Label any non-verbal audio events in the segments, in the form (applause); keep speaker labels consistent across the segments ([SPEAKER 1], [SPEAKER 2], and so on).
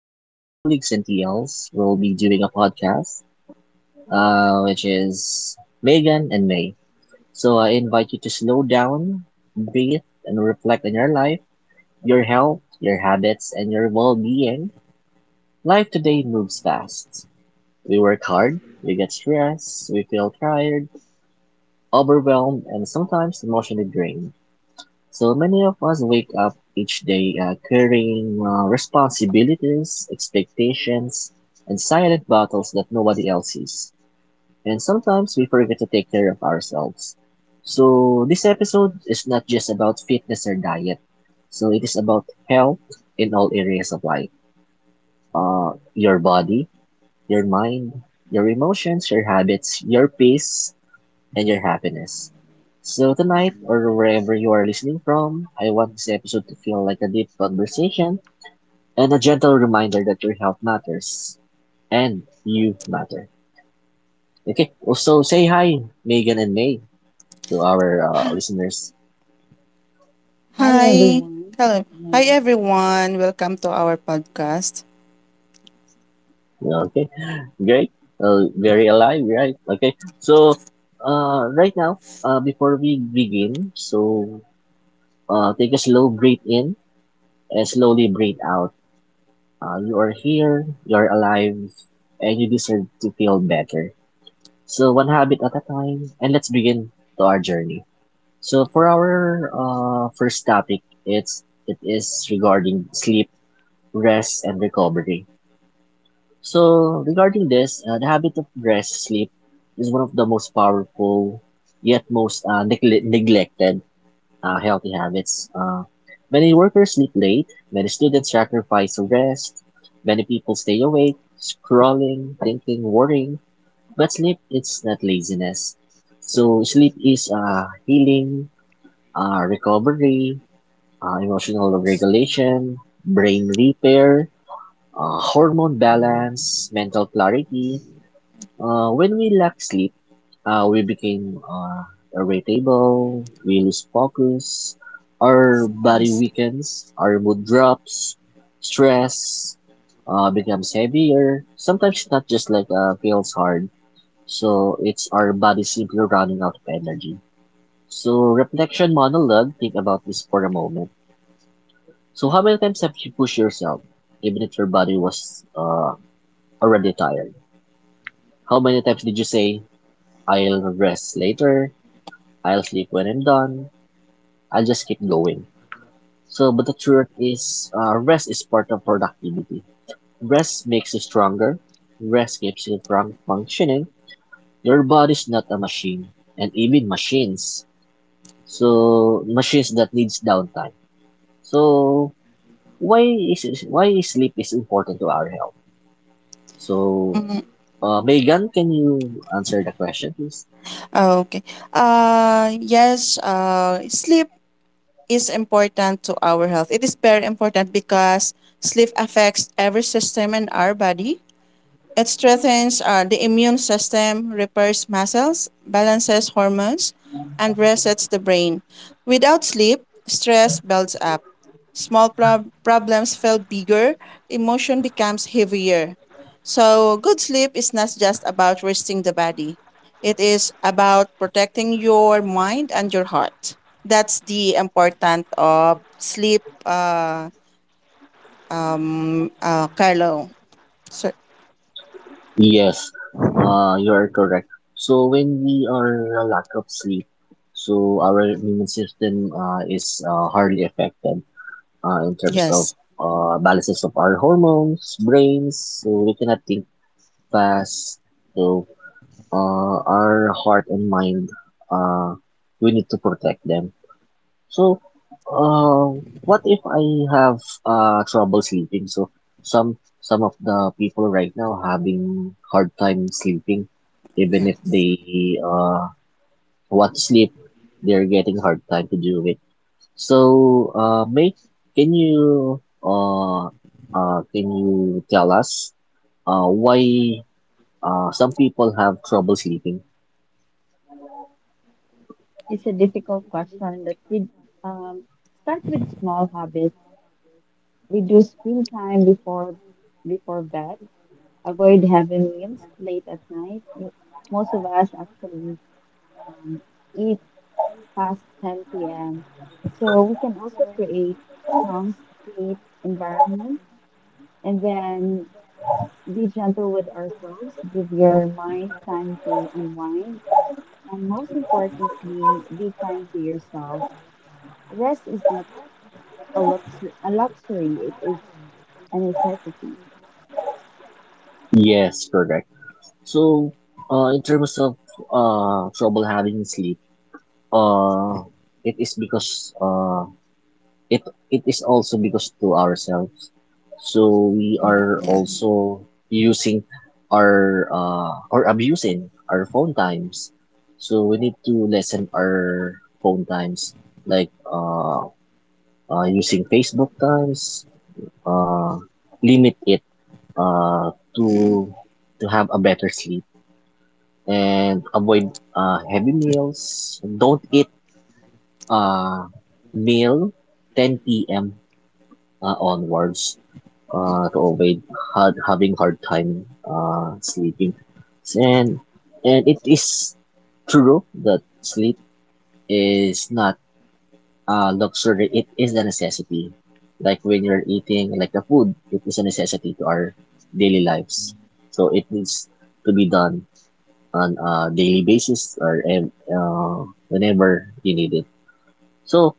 [SPEAKER 1] my colleagues and TLs will be doing a podcast, which is Megan and May. So I invite you to slow down, breathe, and reflect on your life, your health, your habits, and your well-being. Life today moves fast. We work hard, we get stressed, we feel tired, overwhelmed, and sometimes emotionally drained. So many of us wake up each day carrying responsibilities, expectations, and silent battles that nobody else sees. And sometimes we forget to take care of ourselves. So this episode is not just about fitness or diet. So it is about health in all areas of life. Your body, your mind, your emotions, your habits, your peace, and your happiness. So tonight, or wherever you are listening from, I want this episode to feel like a deep conversation and a gentle reminder that your health matters and you matter. Okay, also say hi, Megan and May, to our listeners.
[SPEAKER 2] Hi
[SPEAKER 3] Hi.
[SPEAKER 2] everyone.
[SPEAKER 3] Hello. Hi
[SPEAKER 2] Um,
[SPEAKER 3] everyone. Welcome to our podcast.
[SPEAKER 1] Okay, great. Very alive, right? Okay, so right now, before we begin, so take a slow breath in and slowly breathe out. You are here, you're alive, and you deserve to feel better. So, one habit at a time, and let's begin to our journey. So, for our first topic, it is regarding sleep, rest, and recovery. So, regarding this, the habit of rest sleep is one of the most powerful yet most neglected healthy habits. Many workers sleep late, many students sacrifice rest, many people stay awake, scrolling, thinking, worrying. But sleep is not laziness. So sleep is healing, recovery, emotional regulation, brain repair, hormone balance, mental clarity. When we lack sleep, we became irritable, we lose focus, our body weakens, our mood drops, stress becomes heavier. Sometimes it's not just like feels hard, so it's our body simply running out of energy. So, reflection monologue, think about this for a moment. So, how many times have you pushed yourself, even if your body was already tired? How many times did you say, I'll rest later. I'll sleep when I'm done. I'll just keep going. So, but the truth is, rest is part of productivity. Rest makes you stronger. Rest keeps you from functioning. Your body's not a machine, and even machines. So, machines that needs downtime. So, why sleep is important to our health? So,
[SPEAKER 3] Mhm.
[SPEAKER 1] Megan, can you answer the question, please?
[SPEAKER 3] Okay. Yes, sleep is important to our health. It is very important because sleep affects every system in our body. It strengthens the immune system, repairs muscles, balances hormones, and resets the brain. Without sleep, stress builds up. Problems feel bigger, emotion becomes heavier. So, good sleep is not just about resting the body, it is about protecting your mind and your heart. That's the importance of sleep, Carlo. So,
[SPEAKER 1] Yes, you are correct. So when we are a lack of sleep, so our immune system is hardly affected in terms of
[SPEAKER 3] yes,
[SPEAKER 1] balances of our hormones, brains. So we cannot think fast. So our heart and mind, uh, we need to protect them. So, what if I have trouble sleeping? So some of the people right now having hard time sleeping, even
[SPEAKER 3] yeah,
[SPEAKER 1] if they want to sleep, they're getting hard time to do it. So, May, can you tell us why some people have trouble sleeping?
[SPEAKER 2] It's a difficult question that we um, start with small habits. Reduce screen time before bed. Avoid heavy meals late at night. Most of us actually um, eat past 10 p.m. So we can also create calm sleep environment, and then be gentle with ourselves. Give your mind time to unwind, and most importantly, be kind to yourself. Rest is not a luxury. It is a necessity.
[SPEAKER 1] Yes, correct. So, in terms of trouble having sleep. Uh, it is because it it is also because to ourselves. So we are
[SPEAKER 3] yeah.
[SPEAKER 1] also using our or abusing our phone times. So we need to lessen our phone times, like using Facebook times. Uh, Limit it uh, to to have a better sleep and avoid heavy meals. Don't eat uh, meal 10 p.m. Onwards to avoid having hard time sleeping. And it is true that sleep is not a luxury; it is a necessity. Like when you're eating, like the food, it is a necessity to our daily lives. So it needs to be done on a daily basis or whenever you need it. So,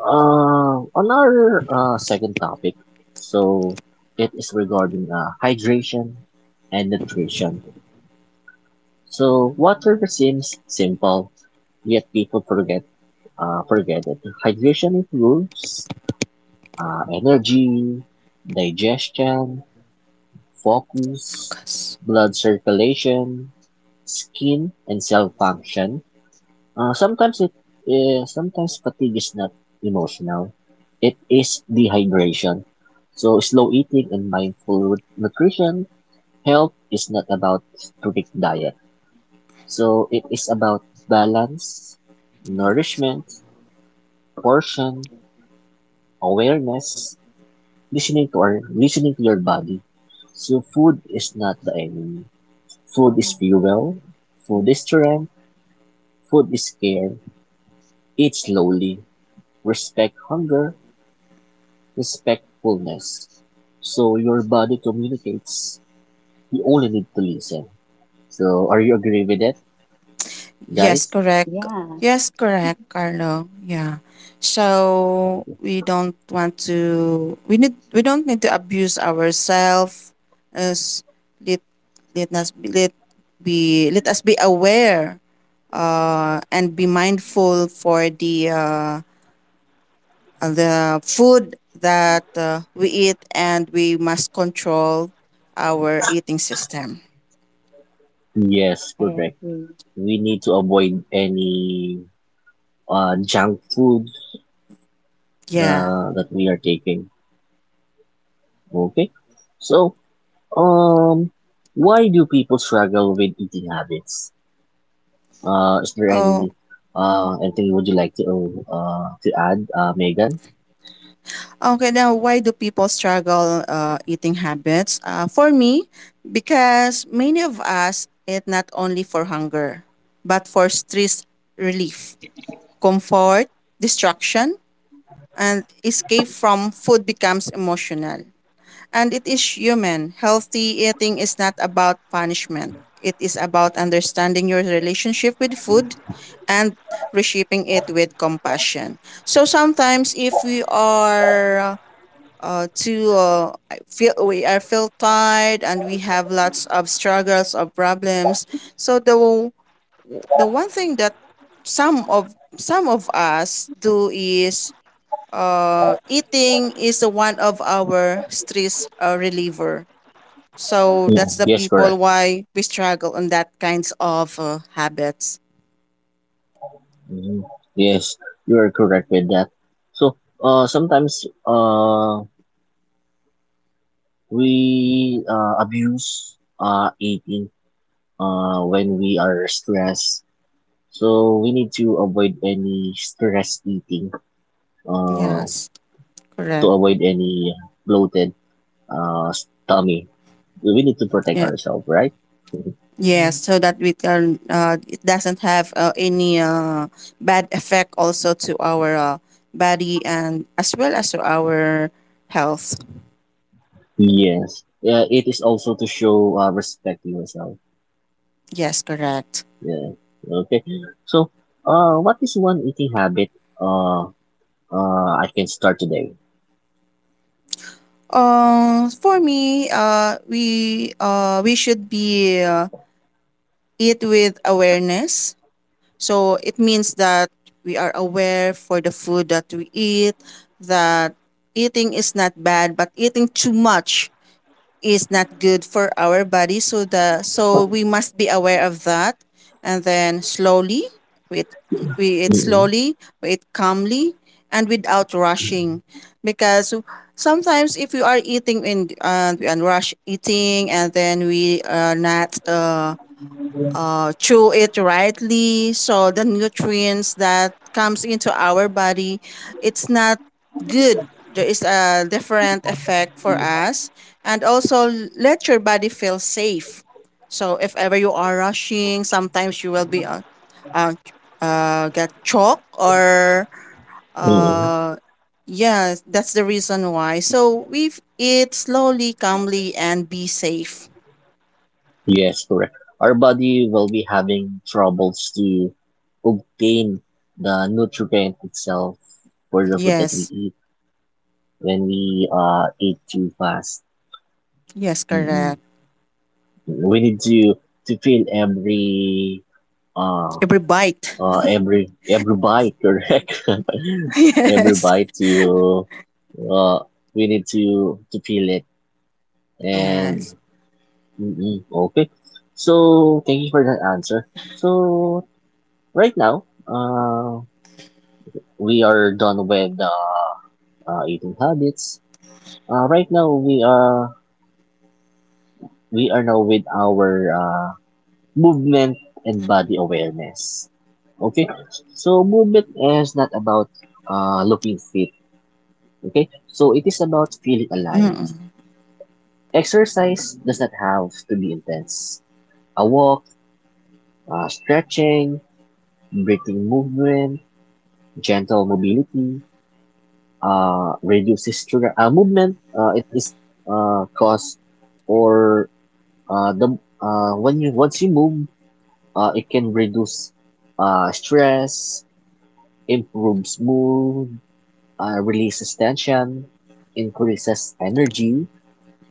[SPEAKER 1] On our second topic, so it is regarding hydration and nutrition. So water seems simple, yet people forget it. Hydration improves energy, digestion, focus,
[SPEAKER 3] Focus.
[SPEAKER 1] blood circulation, skin and cell function. Uh, sometimes it Sometimes fatigue is not emotional. It is dehydration. So slow eating and mindful nutrition, health is not about strict diet. So it is about balance, nourishment, portion, awareness, listening to your body. So food is not the enemy. Food is fuel. Food is strength. Food is care. Eat slowly. Respect hunger respectfulness. So your body communicates. You only need to listen. So are you agree with that,
[SPEAKER 3] Yes,
[SPEAKER 1] guys?
[SPEAKER 3] correct.
[SPEAKER 2] Yeah,
[SPEAKER 3] Yes, correct, Carlo. Yeah. So we don't want to we don't need to abuse ourselves as let let us be, let let us be aware and be mindful for the food that we eat, and we must control our eating system.
[SPEAKER 1] Yes,
[SPEAKER 2] I
[SPEAKER 1] correct.
[SPEAKER 2] agree.
[SPEAKER 1] We need to avoid any junk food
[SPEAKER 3] Yeah.
[SPEAKER 1] that we are taking. Okay. So, um, why do people struggle with eating habits? Is there
[SPEAKER 3] Oh.
[SPEAKER 1] anything would you like to add, Megan?
[SPEAKER 3] Okay, now why do people struggle eating habits? For me, because many of us eat not only for hunger, but for stress relief, comfort, distraction, and escape from food becomes emotional. And it is human. Healthy eating is not about punishment. It is about understanding your relationship with food and reshaping it with compassion. So sometimes if we are to I feel we I feel tired and we have lots of struggles or problems. So the one thing that some of us do is, eating is one of our stress reliever. So that's
[SPEAKER 1] Mm.
[SPEAKER 3] the
[SPEAKER 1] Yes,
[SPEAKER 3] people
[SPEAKER 1] correct.
[SPEAKER 3] why we struggle on that kinds of habits.
[SPEAKER 1] Mhm. Yes, you are correct with that. So, sometimes we abuse eating when we are stressed. So we need to avoid any stress eating uh,
[SPEAKER 3] Yes,
[SPEAKER 1] to
[SPEAKER 3] correct.
[SPEAKER 1] avoid any bloated uh, tummy. We need to protect
[SPEAKER 3] Yeah.
[SPEAKER 1] ourselves, right? (laughs)
[SPEAKER 3] Yes, so that we can, it doesn't have any bad effect also to our body, and as well as to our health.
[SPEAKER 1] Yes. Yeah, it is also to show respect to yourself.
[SPEAKER 3] Yes, correct.
[SPEAKER 1] Yeah. Okay. So, what is one eating habit uh, I can start today?
[SPEAKER 3] For me, we should be, eat with awareness. So it means that we are aware for the food that we eat. That eating is not bad, but eating too much is not good for our body, so the so we must be aware of that, and then slowly with we eat
[SPEAKER 1] Mm.
[SPEAKER 3] slowly, we eat calmly and without rushing, because sometimes if you are eating in and rush eating, and then we are not chew it rightly, so the nutrients that comes into our body, it's not good, there is a different effect for us. And also, let your body feel safe, so if ever you are rushing, sometimes you will be uh, get choked or
[SPEAKER 1] Hmm. Mm-mm.
[SPEAKER 3] uh, yeah, that's the reason why. So we eat slowly, calmly, and be safe.
[SPEAKER 1] Yes, correct. Our body will be having troubles to obtain the nutrient itself for the food that we
[SPEAKER 3] Yes.
[SPEAKER 1] eat when we eat too fast.
[SPEAKER 3] Yes,
[SPEAKER 1] Mm-mm.
[SPEAKER 3] correct.
[SPEAKER 1] We need to feel uh,
[SPEAKER 3] Every bite.
[SPEAKER 1] every bite, correct?
[SPEAKER 3] (laughs)
[SPEAKER 1] (laughs) Every
[SPEAKER 3] Yes.
[SPEAKER 1] bite. To uh, we need to feel it. And
[SPEAKER 3] Yes.
[SPEAKER 1] mm-mm, okay, so thank you for that answer. So right now, we are done with the eating habits. Right now, we are now with our movement and body awareness. Okay. So movement is not about looking fit. Okay, so it is about feeling alive.
[SPEAKER 3] Mm.
[SPEAKER 1] Exercise does not have to be intense. A walk, stretching, breathing movement, gentle mobility, reduces sugar movement. It is cause or the when you once you move, it can reduce stress, improves mood, releases tension, increases energy.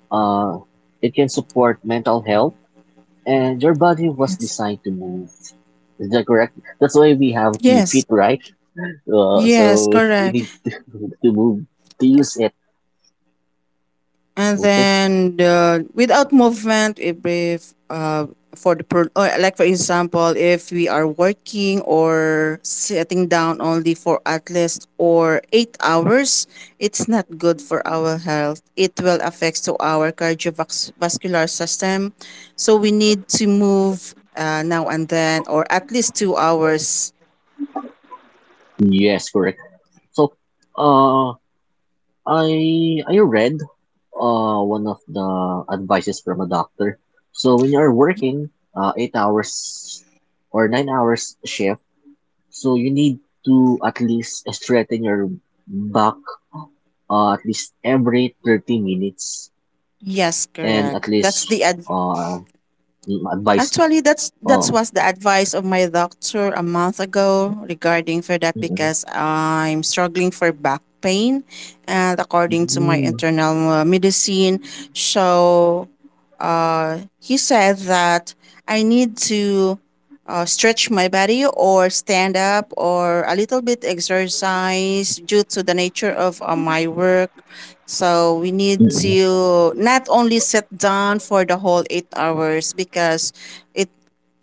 [SPEAKER 1] Uh, it can support mental health, and your body was
[SPEAKER 3] Yes.
[SPEAKER 1] designed to move. Is that correct? That's why we have to
[SPEAKER 3] Yes.
[SPEAKER 1] fit, right?
[SPEAKER 3] Yes.
[SPEAKER 1] So we
[SPEAKER 3] Correct.
[SPEAKER 1] need (laughs) to move to use it.
[SPEAKER 3] And
[SPEAKER 1] Okay.
[SPEAKER 3] then without movement, every uh for the pro- or like for example, if we are working or sitting down only for at least or 8 hours, it's not good for our health. It will affect to our cardiovascular system, so we need to move, now and then, or at least 2 hours.
[SPEAKER 1] Yes, correct. So, uh, I read one of the advices from a doctor. So when you are working 8 hours or 9 hours shift, so you need to at least straighten your back at least every 30 minutes
[SPEAKER 3] Yes,
[SPEAKER 1] and
[SPEAKER 3] correct.
[SPEAKER 1] at
[SPEAKER 3] That's
[SPEAKER 1] least
[SPEAKER 3] the—
[SPEAKER 1] uh advice.
[SPEAKER 3] Actually, that
[SPEAKER 1] Oh.
[SPEAKER 3] was the advice of my doctor a month ago regarding for that,
[SPEAKER 1] Mm-mm.
[SPEAKER 3] because I'm struggling for back pain, and according to my
[SPEAKER 1] Mm-mm.
[SPEAKER 3] internal medicine, so he said that I need to stretch my body or stand up or a little bit exercise due to the nature of my work. So we need
[SPEAKER 1] Mm-mm.
[SPEAKER 3] to not only sit down for the whole 8 hours, because it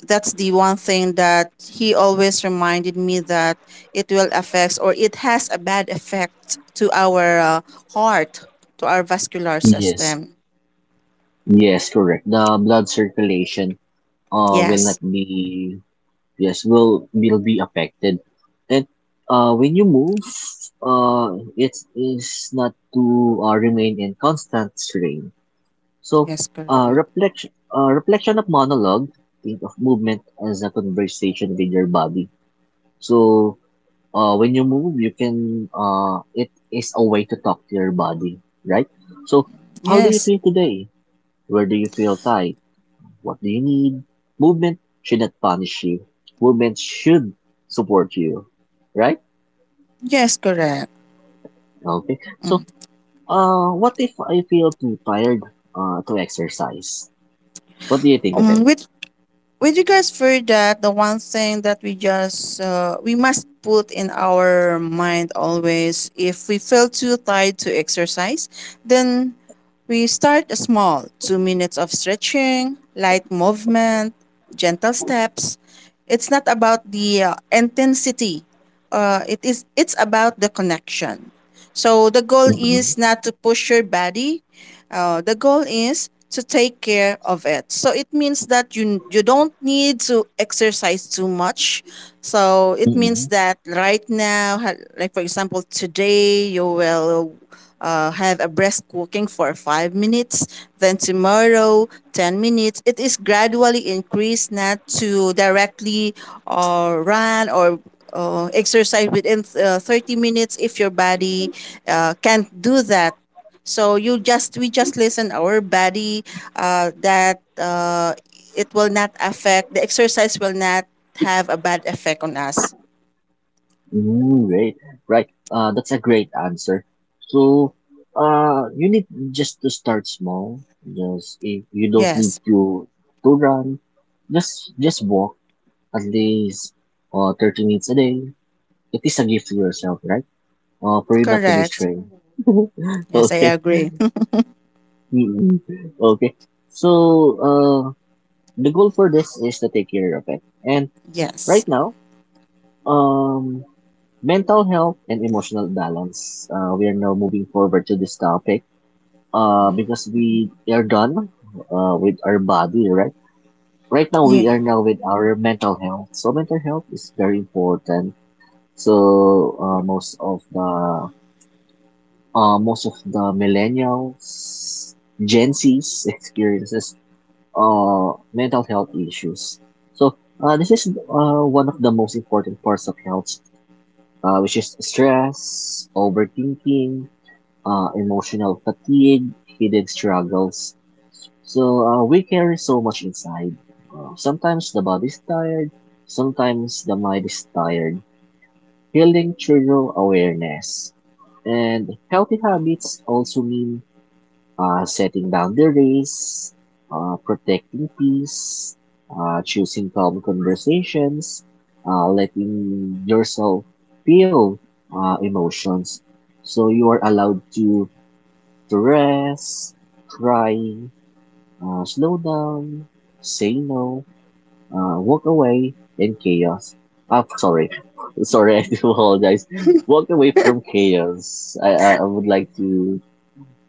[SPEAKER 3] that's the one thing that he always reminded me, that it will affect, or it has a bad effect to our heart, to our vascular
[SPEAKER 1] Yes.
[SPEAKER 3] system.
[SPEAKER 1] Yes, correct. The blood circulation will not
[SPEAKER 3] Yes.
[SPEAKER 1] be, yes, will be affected, and when you move it is not to remain in constant strain. So
[SPEAKER 3] Yes, correct.
[SPEAKER 1] reflection, of monologue, think of movement as a conversation with your body. So when you move, you can it is a way to talk to your body, right? So how do you
[SPEAKER 3] Yes.
[SPEAKER 1] feel today? Where do you feel tired? What do you need? Movement should not punish you. Movement should support you. Right?
[SPEAKER 3] Yes, correct.
[SPEAKER 1] Okay. So,
[SPEAKER 3] Mm.
[SPEAKER 1] what if I feel too tired to exercise? What do you think of it?
[SPEAKER 3] Um, with regards for that, the one thing that we just, we must put in our mind always, if we feel too tired to exercise, then we start small, 2 minutes of stretching, light movement, gentle steps. It's not about the intensity. It's about the connection. So the goal
[SPEAKER 1] Mm-hmm.
[SPEAKER 3] is not to push your body. The goal is to take care of it. So it means that you don't need to exercise too much. So it
[SPEAKER 1] Mm-hmm.
[SPEAKER 3] means that right now, like for example, today you will have a breast cooking for 5 minutes, then tomorrow 10 minutes. It is gradually increased, not to directly run or exercise within 30 minutes if your body can't do that. So you just we just listen our body, that it will not affect, the exercise will not have a bad effect on us.
[SPEAKER 1] Mm, great. Right. That's a great answer. So, you need just to start small. Just if you don't
[SPEAKER 3] Yes,
[SPEAKER 1] need to run, just walk at least 30 minutes a day. It is a gift to yourself, right? For you not to be
[SPEAKER 3] correct.
[SPEAKER 1] stray. (laughs)
[SPEAKER 3] Yes, I
[SPEAKER 1] Okay.
[SPEAKER 3] agree.
[SPEAKER 1] Mm-mm. Okay. So, uh, the goal for this is to take care of it. And
[SPEAKER 3] (laughs) Yes.
[SPEAKER 1] right now, um, mental health and emotional balance. We are now moving forward to this topic. Because we are done, with our body, right? Right now,
[SPEAKER 3] Yeah.
[SPEAKER 1] we are now with our mental health. So, mental health is very important. So, most of the millennials, Gen Z's experiences mental health issues. So this is one of the most important parts of health, which is stress, overthinking, emotional fatigue, hidden struggles. So we carry so much inside. Sometimes the body's tired, sometimes the mind is tired. Healing through awareness. And healthy habits also mean setting boundaries, protecting peace, choosing calm conversations, letting yourself feel emotions. So you are allowed to rest, cry, slow down, say no, walk away, and chaos. Ah, sorry. (laughs) Sorry, I do apologize. Walk away from chaos. I would like to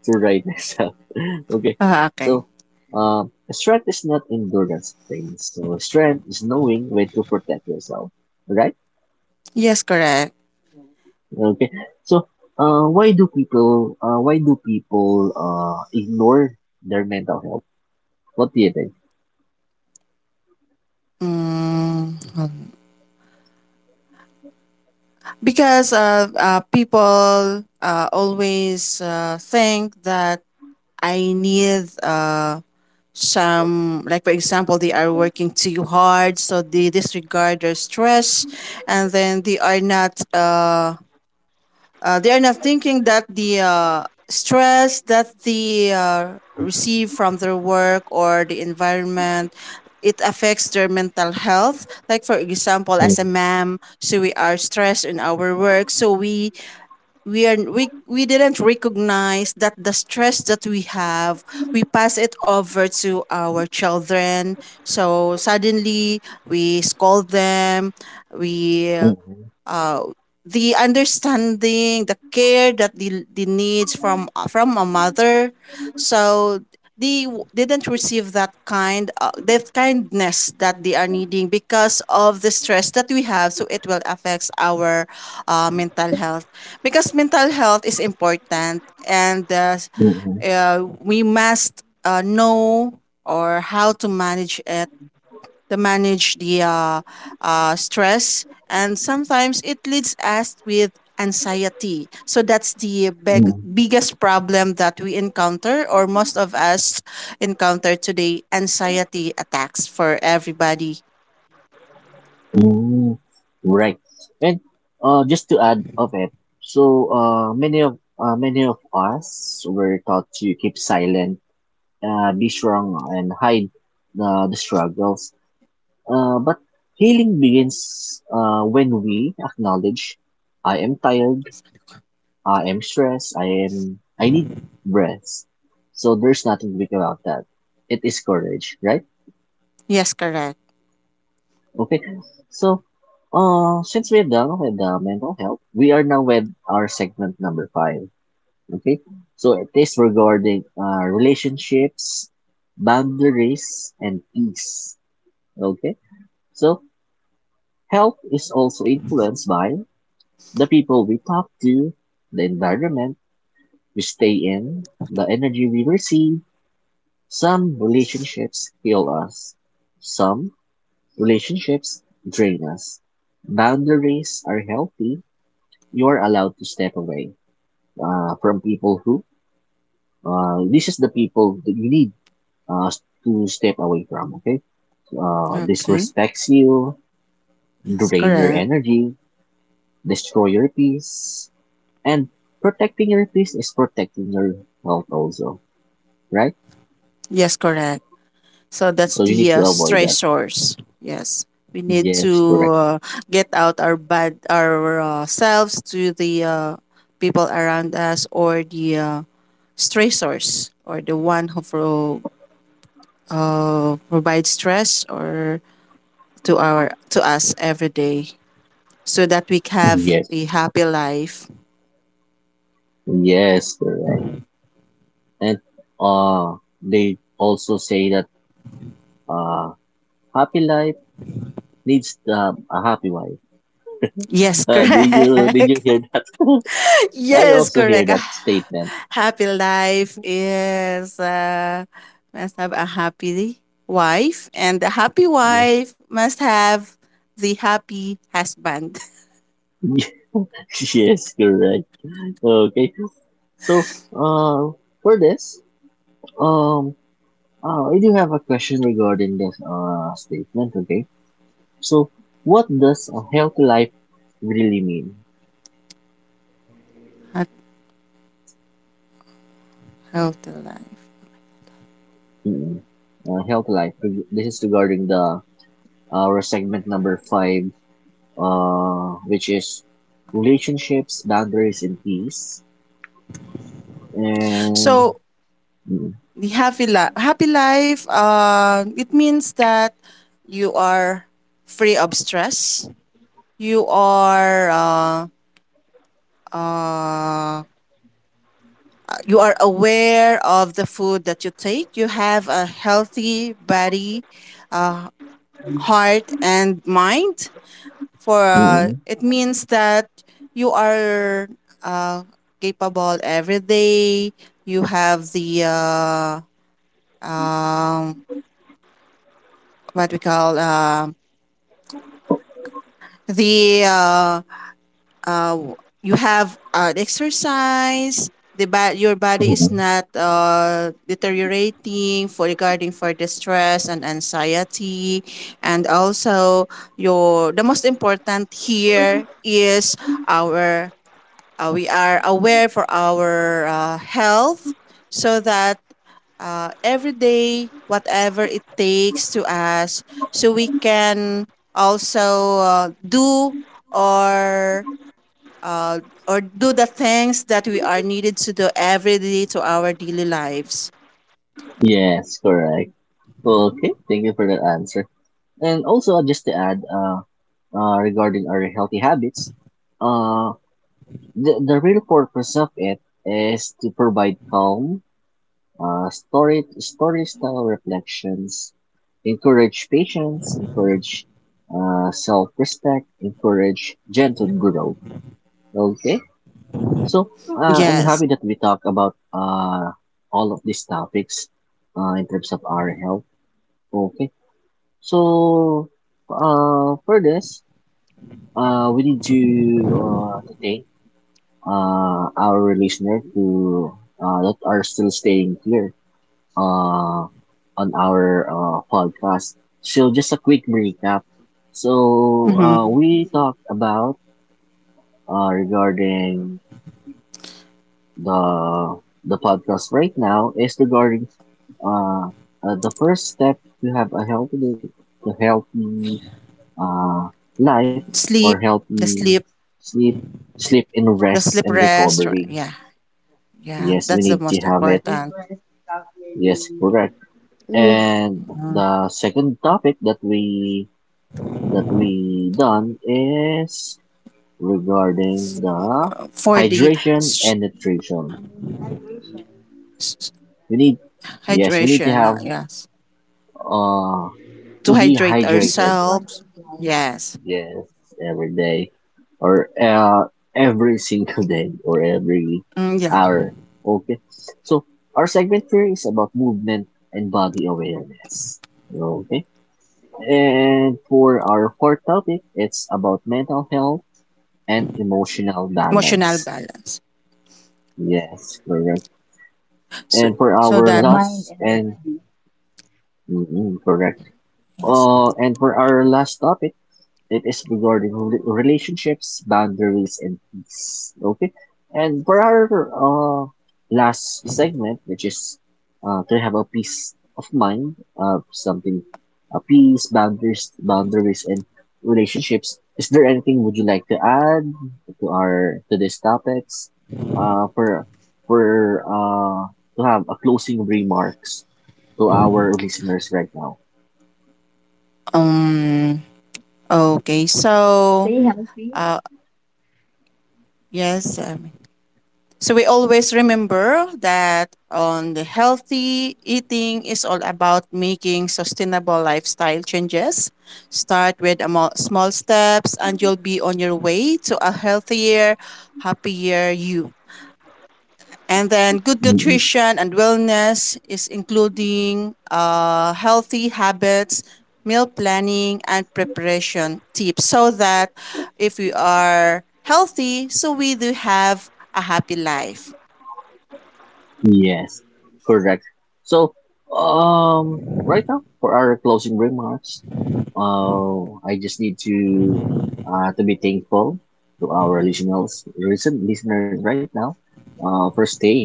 [SPEAKER 1] to ride myself. (laughs) Okay,
[SPEAKER 3] Ah, okay.
[SPEAKER 1] so strength is not endurance thing. So strength is knowing when to protect yourself. Right?
[SPEAKER 3] Yes, correct.
[SPEAKER 1] Okay. So why do people ignore their mental health? What do you think?
[SPEAKER 3] Mm, hold on. Because people always think that I need some, like for example, they are working too hard, so they disregard their stress, and then they are not. They are not thinking that the stress that they receive from their work or the environment, it affects their mental health. Like for example, as a mom, so we are stressed in our work, so we didn't recognize that the stress that we have, we pass it over to our children, so suddenly we scold them. We
[SPEAKER 1] Mm-hmm.
[SPEAKER 3] uh, the understanding, the care that the needs from a mother. So they didn't receive that kind that kindness that they are needing, because of the stress that we have. So it will affects our mental health, because mental health is important, and
[SPEAKER 1] Mm-hmm.
[SPEAKER 3] we must know or how to manage it, to manage the stress, and sometimes it leads us with anxiety. So that's the biggest problem that we encounter, or most of us encounter today, anxiety attacks for everybody.
[SPEAKER 1] Right. And just to add of it, so many of us were taught to keep silent, be strong and hide the struggles. But healing begins when we acknowledge I am tired, I am stressed, I need breath. So there's nothing weak about that. It is courage, right?
[SPEAKER 3] Yes, correct.
[SPEAKER 1] Okay. So since we're done with the mental health, we are now with our segment number five. Okay. So it is regarding relationships, boundaries, and peace. Okay. So health is also influenced by the people we talk to, the environment we stay in, the energy we receive. Some relationships heal us. Some relationships drain us. Boundaries are healthy. You're allowed to step away from people who, this is the people that you need uh, to step away from, okay?
[SPEAKER 3] Okay.
[SPEAKER 1] Disrespects you,
[SPEAKER 3] Yes,
[SPEAKER 1] drain your
[SPEAKER 3] correct.
[SPEAKER 1] energy, destroy your peace, and protecting your peace is protecting your health also, right?
[SPEAKER 3] Yes, correct. So that's
[SPEAKER 1] So you
[SPEAKER 3] the
[SPEAKER 1] need to avoid that.
[SPEAKER 3] stressors. Yes, we need
[SPEAKER 1] Yes,
[SPEAKER 3] to
[SPEAKER 1] correct.
[SPEAKER 3] get out our bad ourselves to the people around us, or the stressors, or the one who provides stress or to our to us every day, so that we have
[SPEAKER 1] Yes.
[SPEAKER 3] a happy life.
[SPEAKER 1] Yes, correct. And uh they also say that uh happy life needs a happy wife.
[SPEAKER 3] Yes,
[SPEAKER 1] Uh, did you
[SPEAKER 3] correct.
[SPEAKER 1] hear that?
[SPEAKER 3] (laughs)
[SPEAKER 1] (laughs) I
[SPEAKER 3] Yes,
[SPEAKER 1] also hear
[SPEAKER 3] correct.
[SPEAKER 1] that
[SPEAKER 3] Ah,
[SPEAKER 1] statement.
[SPEAKER 3] happy life is, must have a happy wife, and the happy
[SPEAKER 1] Yes.
[SPEAKER 3] wife must have the happy husband.
[SPEAKER 1] (laughs) Yes, correct. Okay. So uh for this, um I do have a question regarding this statement, okay? So, what does a healthy life really mean?
[SPEAKER 3] (laughs) Ha- Healthy life.
[SPEAKER 1] Mm-mm. Healthy life. This is regarding the our segment number five, which is relationships, boundaries, and peace. And
[SPEAKER 3] So
[SPEAKER 1] mm,
[SPEAKER 3] the happy life, it means that you are free of stress, you are uh, uh, you are aware of the food that you take, you have a healthy body, uh, heart, and mind. For
[SPEAKER 1] mm,
[SPEAKER 3] it means that you are uh, capable every day, you have the um, what we call, the uh, you have exercise, your body is
[SPEAKER 1] mm,
[SPEAKER 3] not deteriorating for regarding for the stress and anxiety. And also, your the most important here is our, we are aware for our health, so that every day, whatever it takes to us, so we can also do or uh, or do the things that we are needed to do every day to our daily lives.
[SPEAKER 1] yes, correct. Okay, thank you for that answer. And also, just to add, regarding our healthy habits, uh, the real purpose of it is to provide calm. Story style reflections encourage patience, encourage self respect, encourage gentle growth. Okay, so I'm
[SPEAKER 3] Yes.
[SPEAKER 1] happy that we talk about all of these topics in terms of our health. Okay, so for this, we need to thank our listener to that are still staying here uh, on our podcast. So just a quick recap. So
[SPEAKER 3] Mm-hmm.
[SPEAKER 1] we talked about, regarding the podcast right now, is regarding uh, the first step to have a healthy, to healthy uh, life or
[SPEAKER 3] Sleep. the
[SPEAKER 1] healthy
[SPEAKER 3] sleep
[SPEAKER 1] sleep, sleep and
[SPEAKER 3] the
[SPEAKER 1] rest
[SPEAKER 3] sleep
[SPEAKER 1] and
[SPEAKER 3] rest, or—
[SPEAKER 1] recovery.
[SPEAKER 3] yeah. Yeah,
[SPEAKER 1] Yes, we
[SPEAKER 2] Good
[SPEAKER 3] that's the
[SPEAKER 1] need to
[SPEAKER 3] most
[SPEAKER 2] rest,
[SPEAKER 1] have it.
[SPEAKER 3] important.
[SPEAKER 2] properly,
[SPEAKER 1] Yes,
[SPEAKER 2] eat,
[SPEAKER 1] correct. And
[SPEAKER 3] Mhm.
[SPEAKER 1] the second topic that we done is regarding the
[SPEAKER 3] For the
[SPEAKER 1] hydration and nutrition.
[SPEAKER 3] s—.
[SPEAKER 1] We need, yes, we need to
[SPEAKER 3] Hydration,
[SPEAKER 1] have,
[SPEAKER 3] yes.
[SPEAKER 1] uh,
[SPEAKER 3] To
[SPEAKER 1] to be
[SPEAKER 2] water,
[SPEAKER 3] hydrate
[SPEAKER 2] well,
[SPEAKER 1] hydrated.
[SPEAKER 3] ourselves. Yes.
[SPEAKER 1] Mhm. Yes, every day or, every (laughs) single day or every
[SPEAKER 3] Mm, yeah.
[SPEAKER 1] hour. Okay. So our segment here is about movement and body awareness. Okay. And for our fourth topic, it's about mental health and emotional
[SPEAKER 3] Emotional
[SPEAKER 1] balance.
[SPEAKER 3] balance.
[SPEAKER 1] Yes, correct.
[SPEAKER 2] the
[SPEAKER 3] So.
[SPEAKER 1] And
[SPEAKER 2] mind
[SPEAKER 1] for
[SPEAKER 2] and the
[SPEAKER 3] So
[SPEAKER 1] our
[SPEAKER 3] that.
[SPEAKER 2] body.
[SPEAKER 1] last, and mm, mm, correct.
[SPEAKER 3] Yes.
[SPEAKER 1] And for our last topic, it is regarding relationships, boundaries, and peace. Okay. And for our last segment, which is to have a peace of mind, something, peace, boundaries, and relationships. Is there anything would you like to add to our to these topics? Uh, for for to have a closing remarks to our listeners right now.
[SPEAKER 3] Um,
[SPEAKER 2] Stay
[SPEAKER 3] okay.
[SPEAKER 2] healthy.
[SPEAKER 3] So uh yes, so we always remember that on the healthy eating is all about making sustainable lifestyle changes. Start with a small steps and you'll be on your way to a healthier, happier you. And then good nutrition and wellness is including healthy habits, meal planning, and preparation tips, so that if we are healthy, so we do have a happy life.
[SPEAKER 1] Yes, correct. So, um, right now for our closing remarks, I just need to be thankful to our listeners, recent listeners right now, for staying.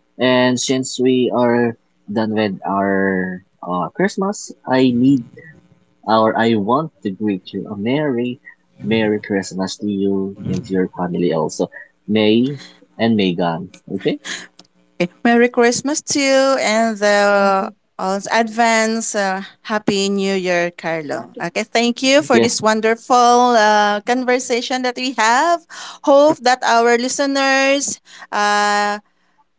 [SPEAKER 1] And since we are done with our Christmas, I need or I want to greet you a merry, merry Christmas to you and to your family also. May and Megan. Okay.
[SPEAKER 3] Okay. Merry Christmas to you,
[SPEAKER 2] Thank you.
[SPEAKER 3] and the advance, Happy New
[SPEAKER 2] Happy
[SPEAKER 3] Year,
[SPEAKER 2] New
[SPEAKER 3] Carlo.
[SPEAKER 2] Year.
[SPEAKER 3] Okay, thank you for this
[SPEAKER 1] Yes.
[SPEAKER 3] wonderful conversation that we have. Hope that our listeners uh,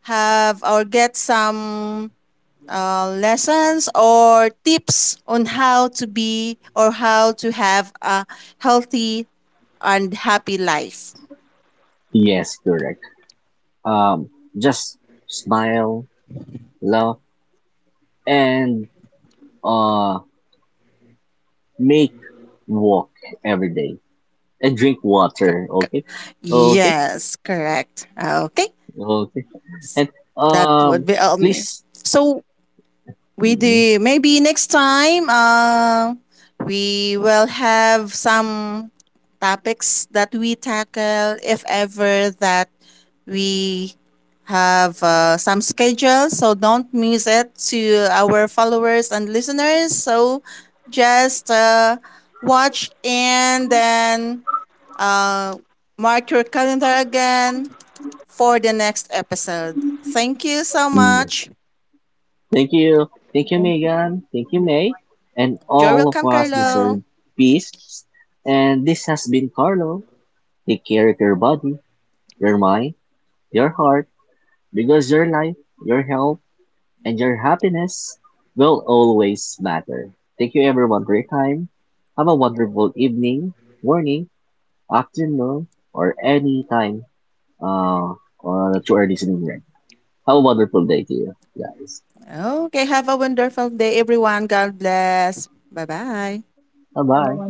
[SPEAKER 3] have or get some lessons or tips on how to be, or how to have a healthy and happy life.
[SPEAKER 1] Yes. Correct. Um, just smile, laugh, and uh, make walk every day and drink
[SPEAKER 3] Cor-
[SPEAKER 1] water.
[SPEAKER 3] cor-
[SPEAKER 1] Okay, okay,
[SPEAKER 3] Yes, correct. Okay,
[SPEAKER 1] okay. And
[SPEAKER 3] that would
[SPEAKER 1] um,
[SPEAKER 3] be all. Me.
[SPEAKER 1] please,
[SPEAKER 3] So we
[SPEAKER 1] Mhm.
[SPEAKER 3] do maybe next time. We will have some topics that we tackle if ever that we have some schedule, so don't miss it to our followers and listeners. So just, watch and then uh, mark your calendar again for the next episode. Thank you so
[SPEAKER 1] Mm,
[SPEAKER 3] much.
[SPEAKER 1] thank
[SPEAKER 2] Thank you.
[SPEAKER 1] you,
[SPEAKER 2] Thank
[SPEAKER 1] thank you,
[SPEAKER 2] you, everyone.
[SPEAKER 1] Megan, thank you, May,
[SPEAKER 2] Thank you,
[SPEAKER 1] and
[SPEAKER 2] Carmen.
[SPEAKER 3] You're
[SPEAKER 1] all of
[SPEAKER 3] welcome,
[SPEAKER 1] us
[SPEAKER 3] Carlo.
[SPEAKER 1] deserve peace. And this has been Carlo. Take care of your body, your mind, your heart, because your life, your health, and your happiness will always matter. Thank you everyone for your time. Have a wonderful evening, morning, afternoon, or any time that you are listening right. Have a wonderful day to you guys.
[SPEAKER 3] Okay, have a wonderful day, everyone. God bless. Bye
[SPEAKER 2] Have a
[SPEAKER 3] bye.
[SPEAKER 2] wonderful
[SPEAKER 1] Bye
[SPEAKER 2] day.
[SPEAKER 1] bye.